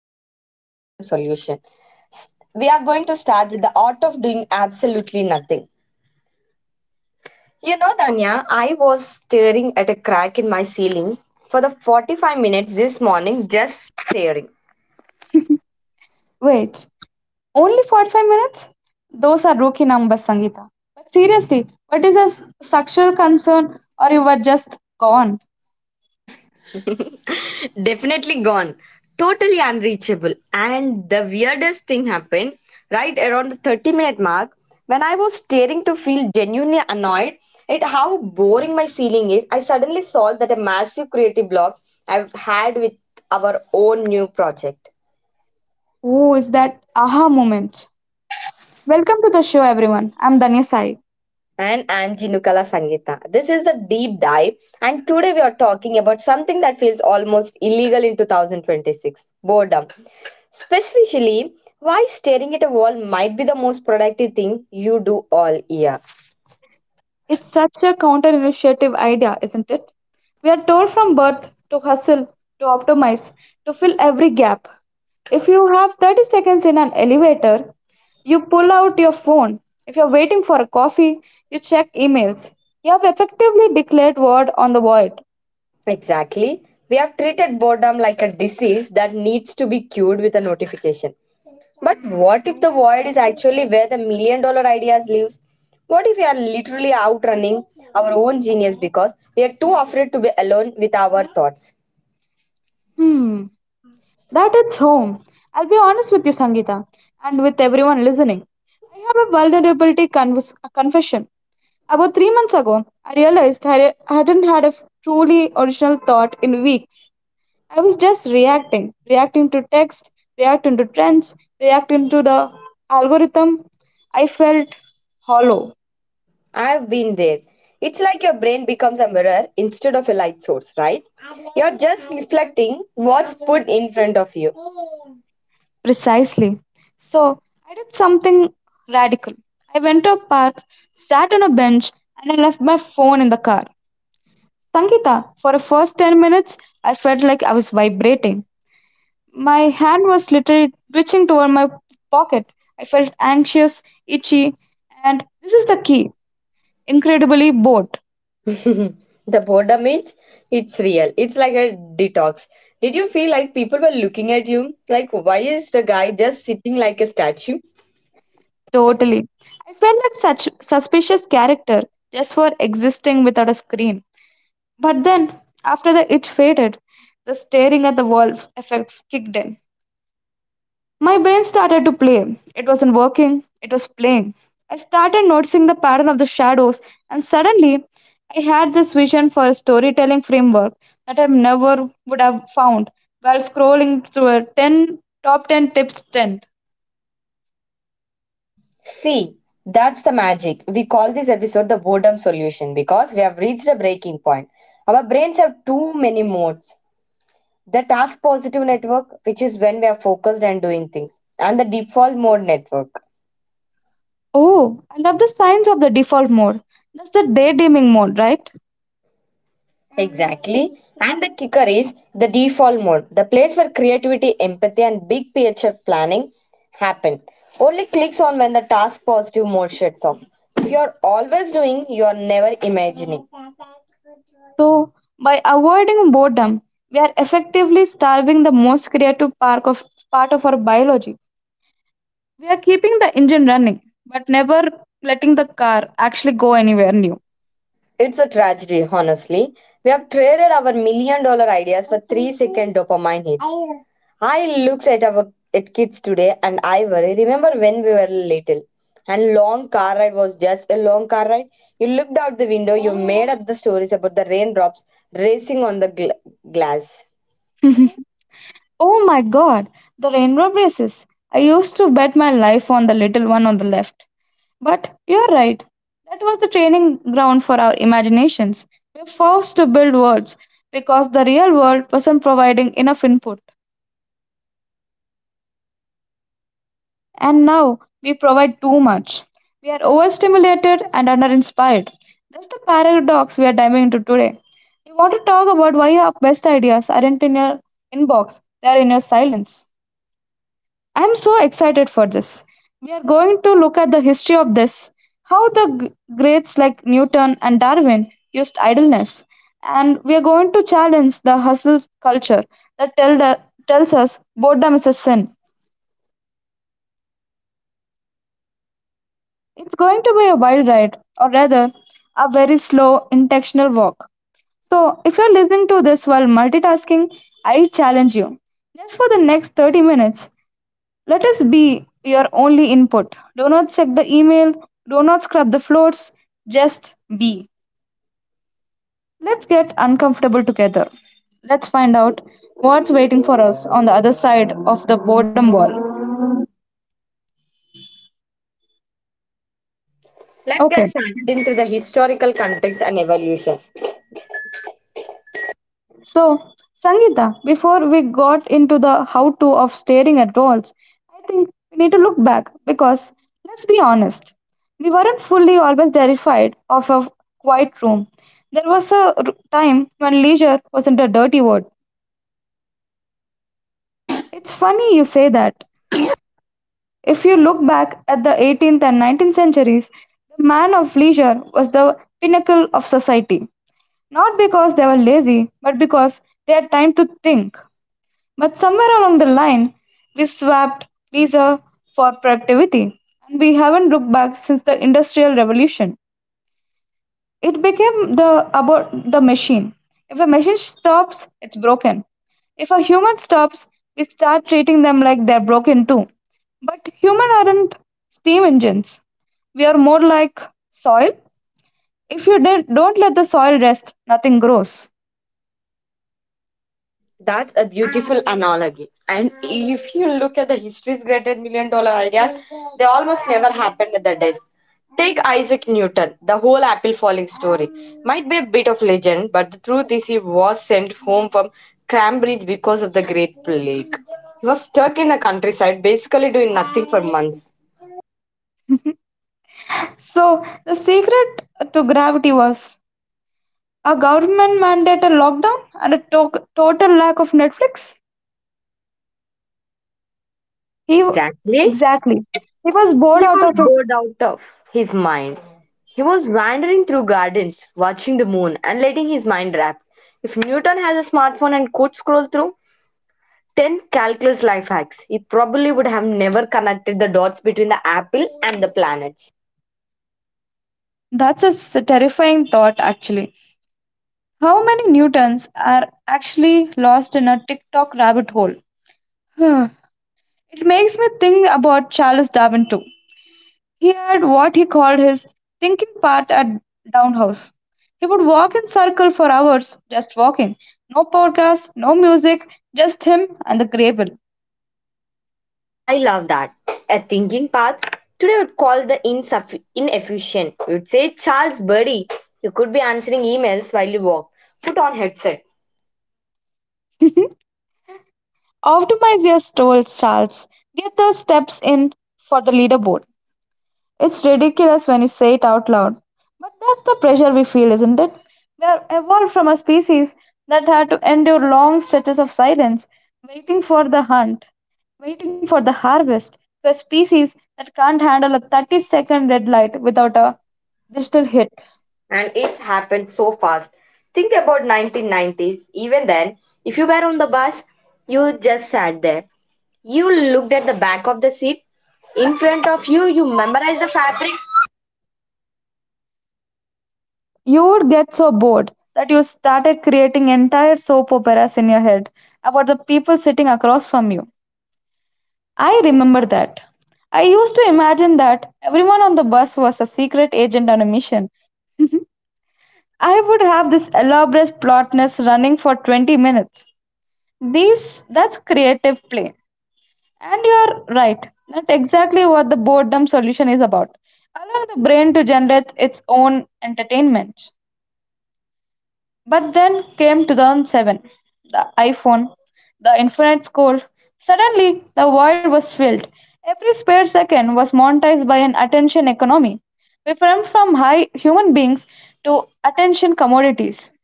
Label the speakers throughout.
Speaker 1: episode, The Boredom Solution. We are going to start with the art of doing absolutely nothing. You know, Danya, I was staring at a crack in my ceiling for the 45 minutes this morning, just staring.
Speaker 2: Wait, only 45 minutes? Those are rookie numbers, Sangeeta. But seriously, what is a structural concern or you were just gone?
Speaker 1: Definitely gone. Totally unreachable. And the weirdest thing happened right around the 30-minute mark when I was staring to feel genuinely annoyed at how boring my ceiling is. I suddenly saw that a massive creative block I've had with our own new project.
Speaker 2: Who is that aha moment? Welcome to the show, everyone. I'm Danya Sai.
Speaker 1: And I'm Jinukala Sangita. This is the deep dive, and today we are talking about something that feels almost illegal in 2026 boredom. Specifically, why staring at a wall might be the most productive thing you do all year.
Speaker 2: It's such a counter-intuitive idea, isn't it? We are told from birth to hustle, to optimize, to fill every gap. If you have 30 seconds in an elevator, you pull out your phone. If you're waiting for a coffee, you check emails. You have effectively declared war on the void.
Speaker 1: Exactly. We have treated boredom like a disease that needs to be cured with a notification. But what if the void is actually where the million dollar ideas lives? What if we are literally outrunning our own genius because we are too afraid to be alone with our thoughts?
Speaker 2: Hmm, that hits home. I'll be honest with you, Sangeeta, and with everyone listening. I have a a confession. About 3 months ago, I realized I hadn't had a truly original thought in weeks. I was just reacting, reacting to text, reacting to trends, reacting to the algorithm. I felt hollow.
Speaker 1: I've been there. It's like your brain becomes a mirror instead of a light source, right? You're just reflecting what's put in front of you.
Speaker 2: Precisely. So I did something radical. I went to a park, sat on a bench, and I left my phone in the car. Sankita, for the first 10 minutes, I felt like I was vibrating. My hand was literally twitching toward my pocket. I felt anxious, itchy, and this is the key incredibly bored.
Speaker 1: The boredom is it's real. It's like a detox. Did you feel like people were looking at you? Like why is the guy just sitting like a statue?
Speaker 2: Totally. I felt like such suspicious character just for existing without a screen. But then, after the itch faded, the staring at the wall effect kicked in. My brain started to play. It wasn't working, it was playing. I started noticing the pattern of the shadows, and suddenly I had this vision for a storytelling framework that I never would have found while scrolling through a 10 top 10 tips trend.
Speaker 1: See, that's the magic. We call this episode the boredom solution because we have reached a breaking point. Our brains have too many modes. The task positive network, which is when we are focused and doing things, and the default mode network.
Speaker 2: Oh, I love the signs of the default mode. That's the daydreaming mode, right?
Speaker 1: Exactly. And the kicker is the default mode, the place where creativity, empathy, and big picture planning happen. Only clicks on when the task positive mode shuts off. If you are always doing, you are never imagining.
Speaker 2: So, by avoiding boredom, we are effectively starving the most creative part of our biology. We are keeping the engine running, but never letting the car actually go anywhere new.
Speaker 1: It's a tragedy, honestly. We have traded our million dollar ideas for three second dopamine hits. I look at our at kids today and I worry. Remember when we were little and long car ride was just a long car ride? You looked out the window, you made up the stories about the raindrops racing on the glass.
Speaker 2: Oh my god, the rainbow braces. I used to bet my life on the little one on the left. But you're right. That was the training ground for our imaginations. We were forced to build worlds because the real world wasn't providing enough input. And now we provide too much. We are overstimulated and underinspired. That's the paradox we are diving into today. We want to talk about why your best ideas aren't in your inbox, they are in your silence. I'm so excited for this. We are going to look at the history of this, how the greats like Newton and Darwin used idleness, and we are going to challenge the hustle culture that tells us boredom is a sin. It's going to be a wild ride, or rather, a very slow, intentional walk. So, if you're listening to this while multitasking, I challenge you. Just for the next 30 minutes, let us be your only input. Do not check the email, do not scrub the floors, just be. Let's get uncomfortable together. Let's find out what's waiting for us on the other side of the boredom wall.
Speaker 1: Let's get
Speaker 2: Okay,
Speaker 1: started into the historical context and evolution.
Speaker 2: so, Sangeeta, before we got into the how to of staring at walls, I think we need to look back because let's be honest, we weren't fully always terrified of a quiet room. There was a time when leisure wasn't a dirty word. It's funny you say that. If you look back at the 18th and 19th centuries, the man of leisure was the pinnacle of society. Not because they were lazy, but because they had time to think. But somewhere along the line, we swapped leisure for productivity, and we haven't looked back since the Industrial Revolution. It became the about the machine. If a machine stops, it's broken. If a human stops, we start treating them like they're broken too. But humans aren't steam engines. We are more like soil. If you don't let the soil rest, nothing grows.
Speaker 1: That's a beautiful analogy. And if you look at the history's greatest million dollar ideas, they almost never happened at the desk. Take Isaac Newton, the whole apple falling story. Might be a bit of legend, but the truth is he was sent home from Cambridge because of the Great Plague. He was stuck in the countryside, basically doing nothing for months.
Speaker 2: So the secret to gravity was a government-mandated lockdown and a total lack of Netflix. He w-
Speaker 1: Exactly.
Speaker 2: exactly. He was bored
Speaker 1: He
Speaker 2: out
Speaker 1: was
Speaker 2: of.
Speaker 1: bored out of his mind. He was wandering through gardens, watching the moon, and letting his mind rap. If Newton has a smartphone and could scroll through 10 calculus life hacks, he probably would have never connected the dots between the apple and the planets.
Speaker 2: That's a terrifying thought, actually. How many Newtons are actually lost in a TikTok rabbit hole? It makes me think about Charles Darwin too. He had what he called his thinking part at Down House. He would walk in circle for hours, just walking. No podcast, no music, just him and the gravel.
Speaker 1: I love that. A thinking path. Today I would call the inefficient. We would say, Charles, buddy, you could be answering emails while you walk. Put on headset.
Speaker 2: Optimius told Charles, get those steps in for the leaderboard. It's ridiculous when you say it out loud. But that's the pressure we feel, isn't it? We are evolved from a species that had to endure long stretches of silence, waiting for the hunt, waiting for the harvest, to a species that can't handle a 30-second red light without a digital hit.
Speaker 1: And it's happened so fast. Think about 1990s, even then if you were on the bus, you just sat there, you looked at the back of the seat in front of you, you memorized the fabric
Speaker 2: You would get so bored that you started creating entire soap operas in your head about the people sitting across from you. I remember that. I used to imagine that everyone on the bus was a secret agent on a mission. I would have this elaborate plotness running for 20 minutes. These that's creative play. And you're right, not exactly what the boredom solution is about. Allowing the brain to generate its own entertainment. But then came 2007, the iPhone, the infinite scroll. Suddenly, the world was filled. Every spare second was monetized by an attention economy. We went from high human beings to attention commodities.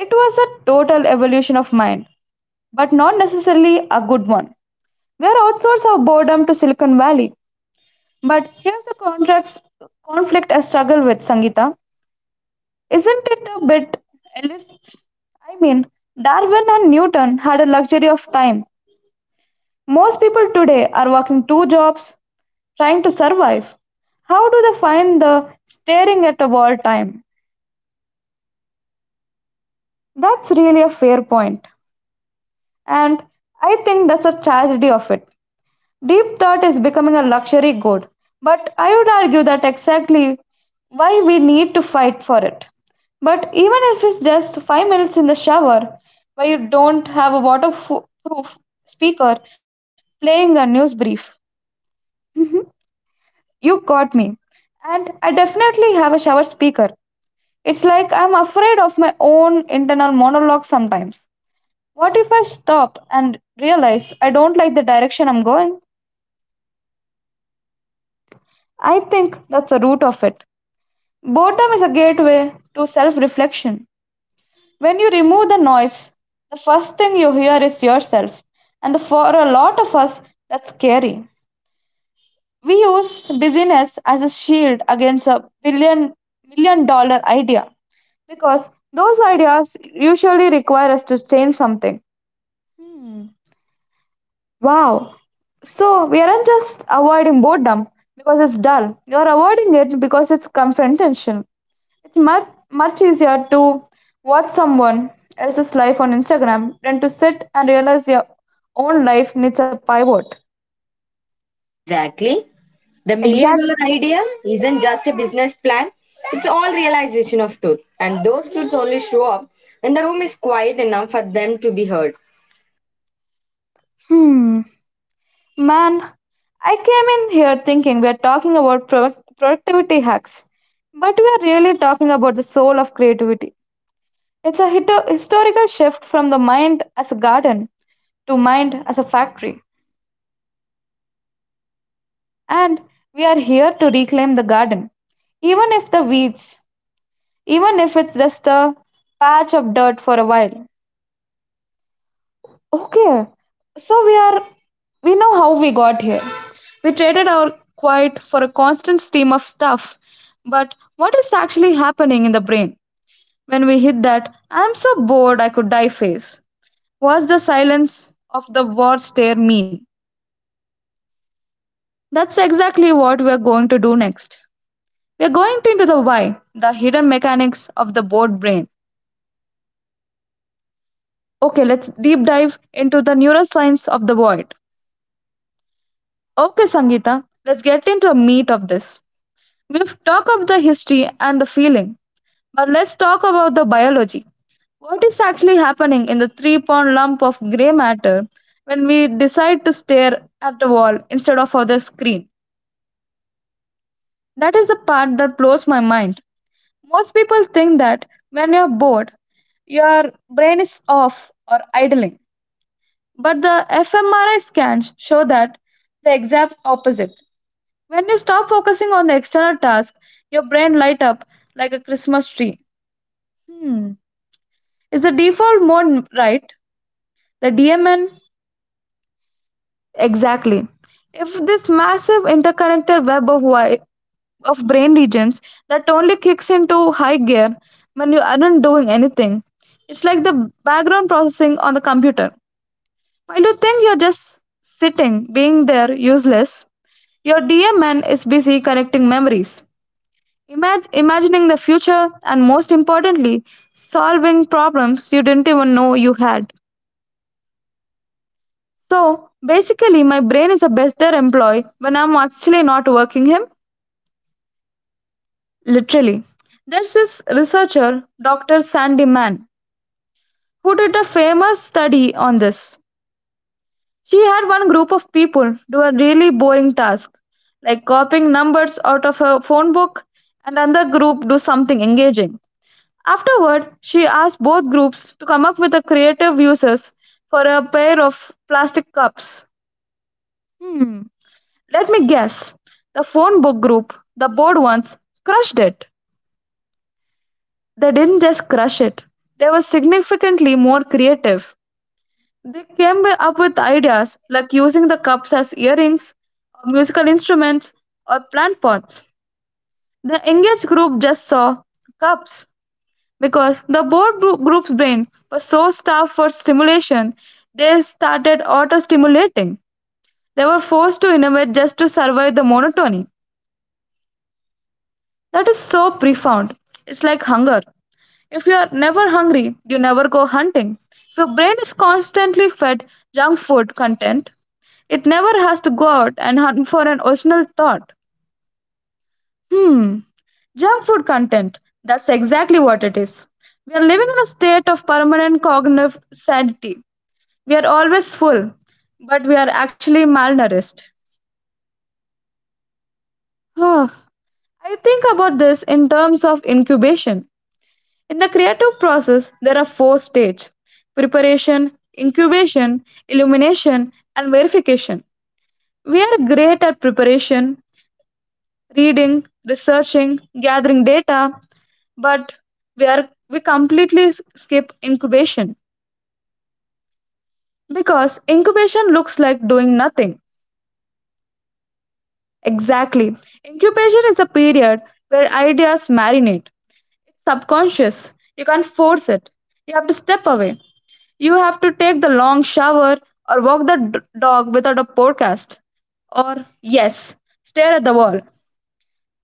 Speaker 2: It was a total evolution of mind, but not necessarily a good one. We are outsource our boredom to Silicon Valley. But here's the contracts conflict I struggle with, Sangita. Isn't it a bit elitist? I mean, Darwin and Newton had a luxury of time. Most people today are working two jobs, trying to survive. How do they find the staring at a wall time? That's really a fair point, and I think that's a tragedy of it. Deep thought is becoming a luxury good, but I would argue that exactly why we need to fight for it. But even if it's just 5 minutes in the shower, where you don't have a waterproof speaker playing a news brief, you got me. And I definitely have a shower speaker. It's like I'm afraid of my own internal monologue sometimes. What if I stop and realize I don't like the direction I'm going? I think that's the root of it. Boredom is a gateway to self reflection. When you remove the noise, the first thing you hear is yourself. And for a lot of us, that's scary. We use busyness as a shield against a billion million dollar idea because those ideas usually require us to change something. Hmm. Wow. So we aren't just avoiding boredom because it's dull. You're avoiding it because it's confrontational. It's much easier to watch someone else's life on Instagram than to sit and realize your own life needs a pivot.
Speaker 1: exactly. The million
Speaker 2: Exactly.
Speaker 1: dollar idea isn't just a business plan, it's all realization of truth, and those truths only show up when the room is quiet enough for them to be heard.
Speaker 2: Hmm. Man, I came in here thinking we are talking about productivity hacks, but we are really talking about the soul of creativity. It's a historical shift from the mind as a garden to mind as a factory, and we are here to reclaim the garden, even if the weeds even if it's just a patch of dirt for a while. Okay, so we know how we got here. We traded our quiet for a constant stream of stuff. But what is actually happening in the brain when we hit that I'm so bored I could die face? What's the silence of the war stare mean? That's exactly what we're going to do next. We're going into the why, the hidden mechanics of the bored brain. Okay, let's deep dive into the neuroscience of the void. Okay, Sangeeta, let's get into the meat of this. We've talked of the history and the feeling, but let's talk about the biology. What is actually happening in the 3 pound lump of grey matter when we decide to stare at the wall instead of other screen? That is the part that blows my mind. Most people think that when you're bored, your brain is off or idling. But the fMRI scans show that the exact opposite. When you stop focusing on the external task, your brain light up like a Christmas tree. Hmm. Is the default mode right? The DMN? Exactly. If this massive interconnected web of of brain regions that only kicks into high gear when you aren't doing anything, it's like the background processing on the computer. While you think you're just sitting, being there, useless, your DMN is busy connecting memories, imagining the future, and most importantly, solving problems you didn't even know you had. So basically, my brain is a better employee when I'm actually not working him, literally. There's this researcher, Dr. Sandy Mann, who did a famous study on this. She had one group of people do a really boring task, like copying numbers out of a phone book, and another group do something engaging. Afterward, she asked both groups to come up with a creative uses for a pair of plastic cups. Hmm, let me guess. The phone book group, the bored ones, crushed it. They didn't just crush it, they were significantly more creative. They came up with ideas like using the cups as earrings, or musical instruments, or plant pots. The engaged group just saw cups. Because the groups' brain was so starved for stimulation, they started auto-stimulating. They were forced to innovate just to survive the monotony. That is so profound. It's like hunger. If you are never hungry, you never go hunting. If your brain is constantly fed junk food content, it never has to go out and hunt for an original thought. Hmm, junk food content. That's exactly what it is. We are living in a state of permanent cognitive sanity. We are always full, but we are actually malnourished. Huh. I think about this in terms of incubation. In the creative process, there are four stages: preparation, incubation, illumination, and verification. We are great at preparation, reading, researching, gathering data, but we completely skip incubation because incubation looks like doing nothing. Exactly. Incubation is a period where ideas marinate. It's subconscious. You can't force it. You have to step away. You have to take the long shower or walk the dog without a podcast. Or, yes, stare at the wall.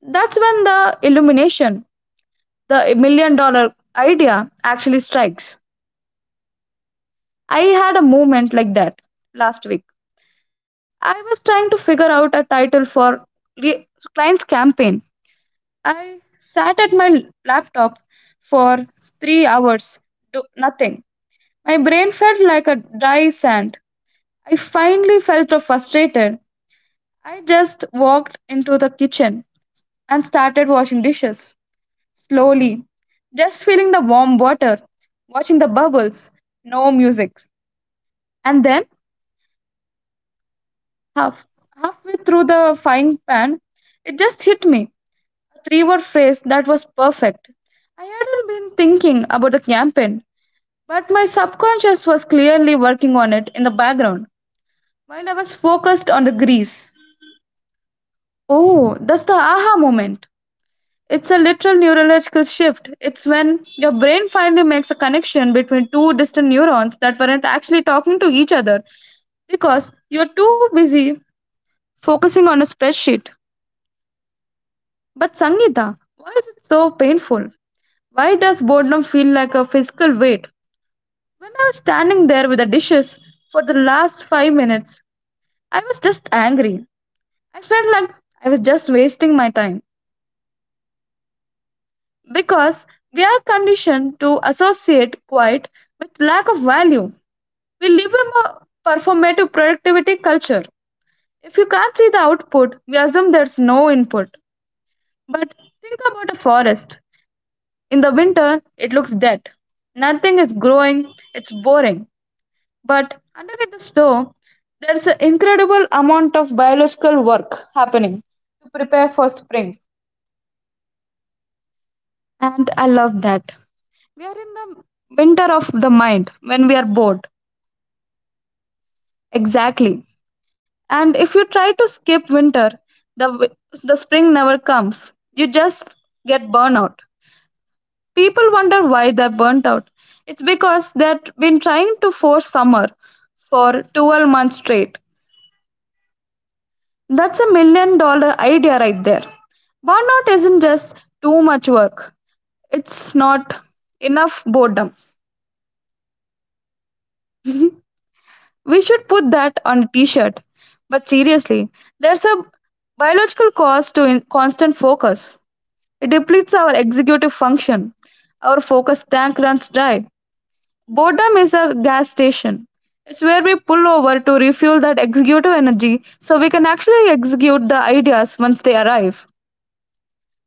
Speaker 2: That's when the illumination, the million dollar idea, actually strikes. I had a moment like that last week. I was trying to figure out a title for the client's campaign. I sat at my laptop for 3 hours, do nothing. My brain felt like a dry sand. I finally felt frustrated. I just walked into the kitchen and started washing dishes slowly, just feeling the warm water, watching the bubbles, no music. And then, half halfway through the frying pan, it just hit me. A three word phrase that was perfect. I hadn't been thinking about the campaign. But my subconscious was clearly working on it in the background while I was focused on the grease. Oh, that's the aha moment. It's a literal neurological shift. It's when your brain finally makes a connection between two distant neurons that weren't actually talking to each other because you're too busy focusing on a spreadsheet. But Sangeeta, why is it so painful? Why does boredom feel like a physical weight? When I was standing there with the dishes for the last 5 minutes, I was just angry. I felt like I was just wasting my time because we are conditioned to associate quiet with lack of value. We live in a performative productivity culture. If you can't see the output, we assume there's no input. But think about a forest. In the winter, it looks dead. Nothing is growing, it's boring. But underneath the snow, there's an incredible amount of biological work happening to prepare for spring. And I love that. We are in the winter of the mind when we are bored. Exactly. And if you try to skip winter, the wi- the spring never comes. You just get burnout. People wonder why they're burnt out. It's because they've been trying to force summer for 12 months straight. That's a million dollar idea right there. Burnout isn't just too much work. It's not enough boredom. We should put that on a t-shirt. But seriously, there's a biological cost to constant focus. It depletes our executive function. Our focus tank runs dry. Boredom is a gas station. It's where we pull over to refuel that executive energy so we can actually execute the ideas once they arrive.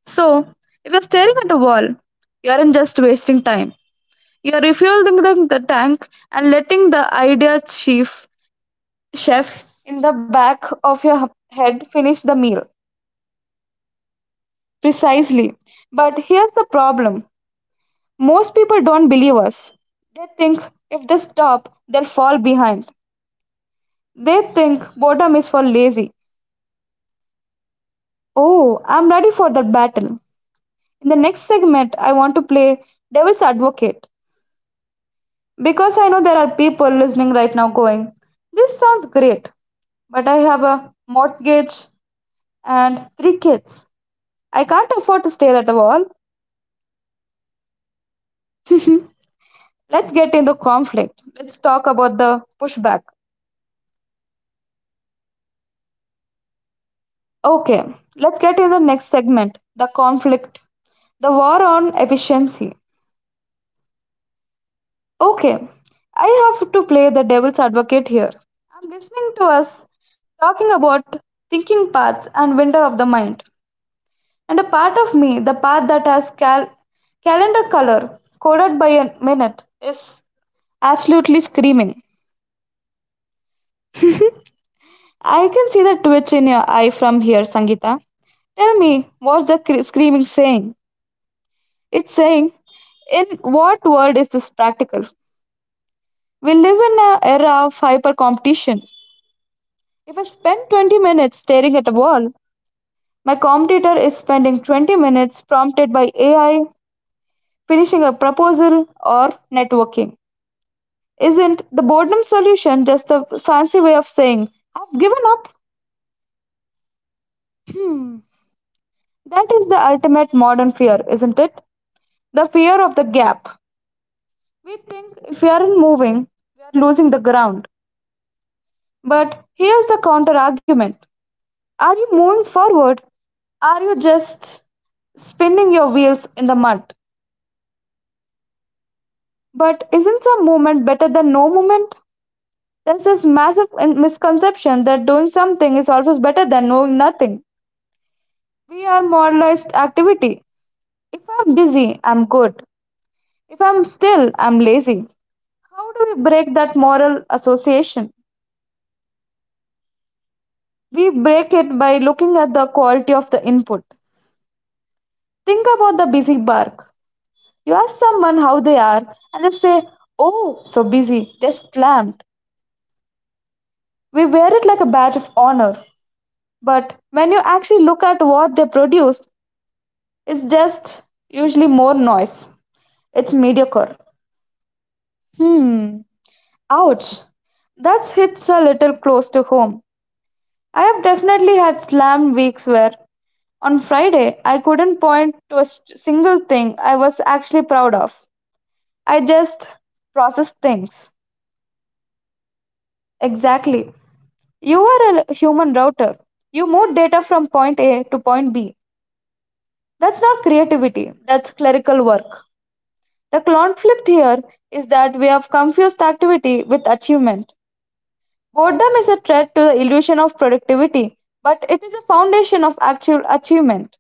Speaker 2: So, if you're staring at a wall, you aren't just wasting time. You are refueling the tank and letting the idea chief chef in the back of your head finish the meal. Precisely. But here's the problem: most people don't believe us. They think if they stop, they'll fall behind. They think boredom is for lazy. Oh, I'm ready for that battle. In the next segment, I want to play devil's advocate because I know there are people listening right now going, "This sounds great, but I have a mortgage and three kids. I can't afford to stare at the wall." Let's get in the conflict. Let's talk about the pushback. Okay, let's get in the next segment, the conflict, the war on efficiency. Okay, I have to play the devil's advocate here. I'm listening to us talking about thinking paths and winter of the mind. And a part of me, the path that has calendar color coded by a minute, is absolutely screaming. I can see the twitch in your eye from here, Sangita. Tell me, what's the screaming saying? It's saying, in what world is this practical? We live in an era of hyper competition. If I spend 20 minutes staring at a wall, my competitor is spending 20 minutes prompted by AI, finishing a proposal, or networking. Isn't the boredom solution just a fancy way of saying, I've given up? Hmm, that is the ultimate modern fear, isn't it? The fear of the gap. We think if we aren't moving, we are losing the ground. But here's the counter argument: are you moving forward? Are you just spinning your wheels in the mud? But isn't some movement better than no movement? There's this massive misconception that doing something is always better than knowing nothing. We are moralized activity. If I'm busy, I'm good. If I'm still, I'm lazy. How do we break that moral association? We break it by looking at the quality of the input. Think about the busy bark. You ask someone how they are, and they say, "Oh, so busy, just slammed." We wear it like a badge of honor. But when you actually look at what they produce, it's just usually more noise. It's mediocre. Hmm, ouch. That hits a little close to home. I have definitely had slam weeks where on Friday, I couldn't point to a single thing I was actually proud of. I just processed things. Exactly. You are a human router. You move data from point A to point B. That's not creativity, that's clerical work. The conflict here is that we have confused activity with achievement. Boredom is a threat to the illusion of productivity, but it is a foundation of actual achievement.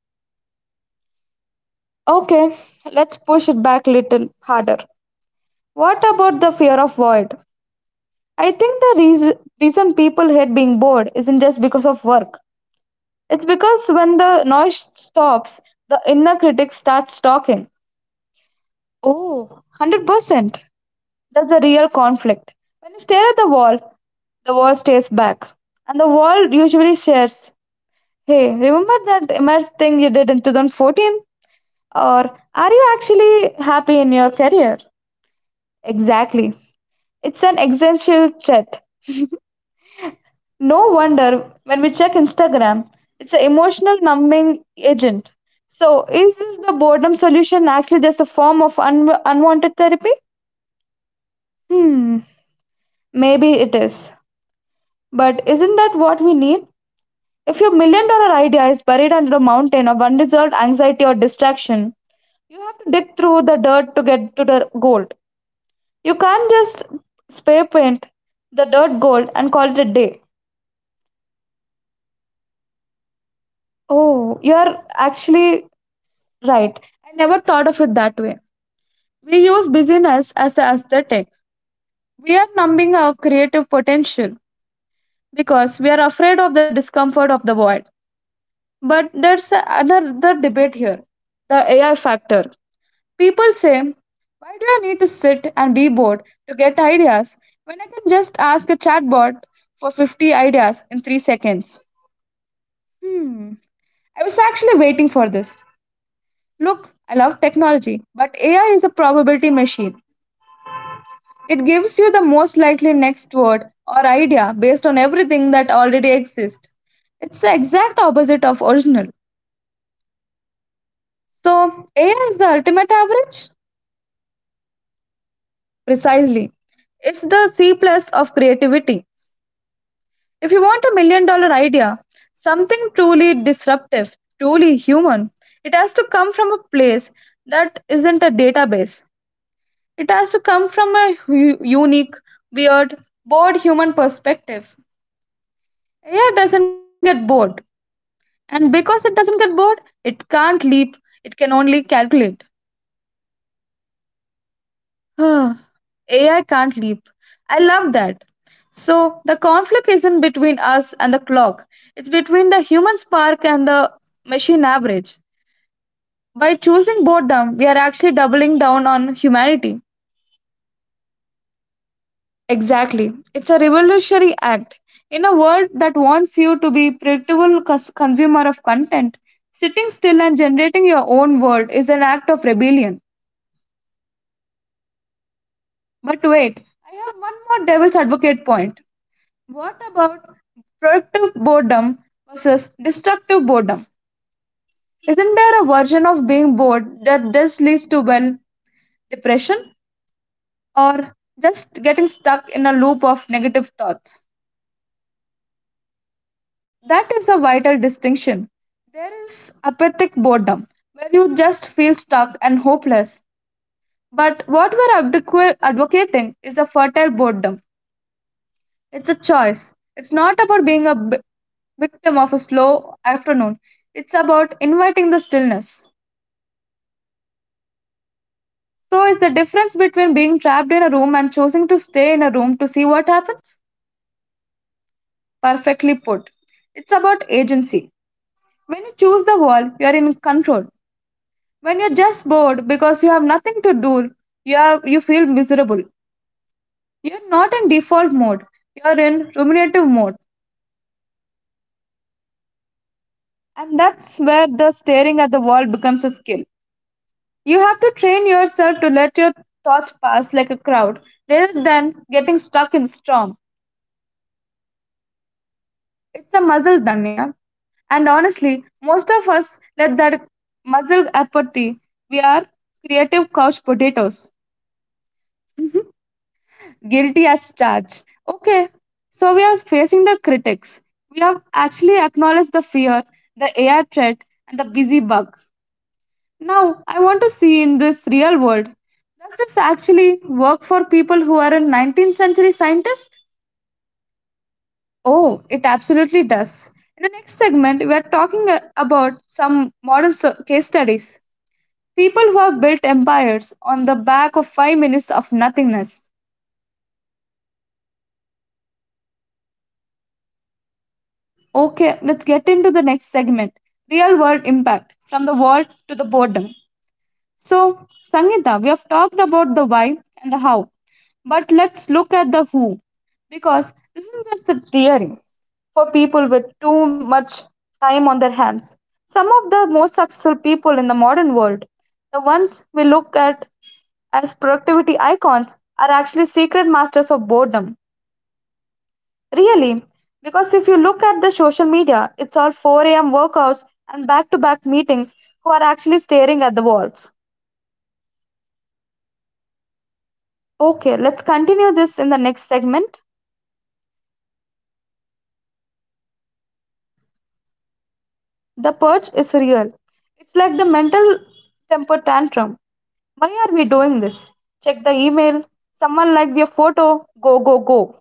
Speaker 2: Okay, let's push it back a little harder. What about the fear of void? I think the reason people hate being bored isn't just because of work. It's because when the noise stops, the inner critic starts talking. Oh, 100%. That's the real conflict. When you stare at the wall stares back. And the wall usually shares, "Hey, remember that immense thing you did in 2014?" Or, "Are you actually happy in your career?" Exactly. It's an existential threat. No wonder when we check Instagram, it's an emotional numbing agent. So, is this the boredom solution actually just a form of unwanted therapy? Hmm, maybe it is. But isn't that what we need? If your million dollar idea is buried under a mountain of undeserved anxiety or distraction, you have to dig through the dirt to get to the gold. You can't just spray paint the dirt gold and call it a day. Oh, you are actually right. I never thought of it that way. We use busyness as the aesthetic. We are numbing our creative potential because we are afraid of the discomfort of the void. But there's another debate here: the AI factor. People say, "Why do I need to sit and be bored to get ideas when I can just ask a chatbot for 50 ideas in 3 seconds?" Hmm, I was actually waiting for this. Look, I love technology, but AI is a probability machine. It gives you the most likely next word or idea based on everything that already exists. It's the exact opposite of original. So, AI is the ultimate average? Precisely. It's the C plus of creativity. If you want a million dollar idea, something truly disruptive, truly human, it has to come from a place that isn't a database. It has to come from a unique, weird, bored human perspective. AI doesn't get bored. And because it doesn't get bored, it can't leap, it can only calculate. AI can't leap. I love that. So the conflict isn't between us and the clock, it's between the human spark and the machine average. By choosing boredom, we are actually doubling down on humanity. Exactly. It's a revolutionary act. In a world that wants you to be predictable consumer of content, sitting still and generating your own world is an act of rebellion. But wait, I have one more devil's advocate point. What about productive boredom versus destructive boredom? Isn't there a version of being bored that just leads to, well, depression or just getting stuck in a loop of negative thoughts? That is a vital distinction. There is apathic boredom, where you just feel stuck and hopeless. But what we're advocating is a fertile boredom. It's a choice. It's not about being a victim of a slow afternoon. It's about inviting the stillness. So, is the difference between being trapped in a room and choosing to stay in a room to see what happens? Perfectly put. It's about agency. When you choose the wall, you are in control. When you're just bored because you have nothing to do, you feel miserable. You're not in default mode, you're in ruminative mode. And that's where the staring at the wall becomes a skill. You have to train yourself to let your thoughts pass like a crowd rather than getting stuck in a storm. It's a muscle, Danya. And honestly, most of us let that muscle apathy. We are creative couch potatoes. Guilty as charged. Okay, so we are facing the critics. We have actually acknowledged the fear, the AI threat, and the busy bug. Now, I want to see in this real world. Does this actually work for people who are a 19th century scientist? Oh, it absolutely does. In the next segment, we are talking about some modern case studies. People who have built empires on the back of 5 minutes of nothingness. Okay, let's get into the next segment, real world impact from the world to the boredom. So, Sangeeta, we have talked about the why and the how, but let's look at the who because this isn't just the theory for people with too much time on their hands. Some of the most successful people in the modern world, the ones we look at as productivity icons, are actually secret masters of boredom. Really, because if you look at the social media, it's all 4 a.m. workouts and back to back meetings who are actually staring at the walls. Okay, let's continue this in the next segment. The purge is real. It's like the mental temper tantrum. Why are we doing this? Check the email. Someone liked your photo. Go, go, go.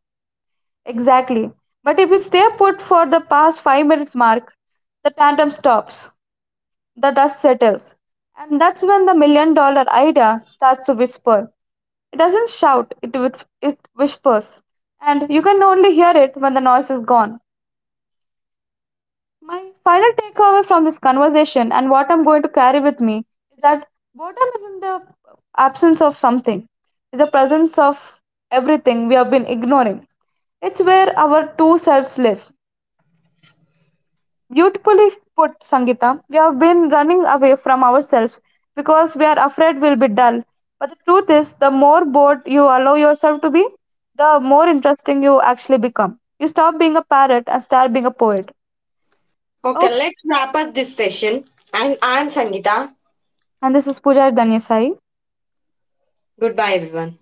Speaker 2: Exactly. But if you stay put for the past 5 minutes mark, the tantrum stops. The dust settles. And that's when the million dollar idea starts to whisper. It doesn't shout, it whispers. And you can only hear it when the noise is gone. My final takeaway from this conversation and what I'm going to carry with me is that boredom isn't the absence of something, it's the presence of everything we have been ignoring. It's where our two selves live. Beautifully put, Sangita. We have been running away from ourselves because we are afraid we'll be dull. But the truth is, the more bored you allow yourself to be, the more interesting you actually become. You stop being a parrot and start being a poet.
Speaker 1: Okay,
Speaker 2: Okay.
Speaker 1: let's wrap up this session, and I'm Sangeeta.
Speaker 2: And this is Pooja Danyasai.
Speaker 1: Goodbye, everyone.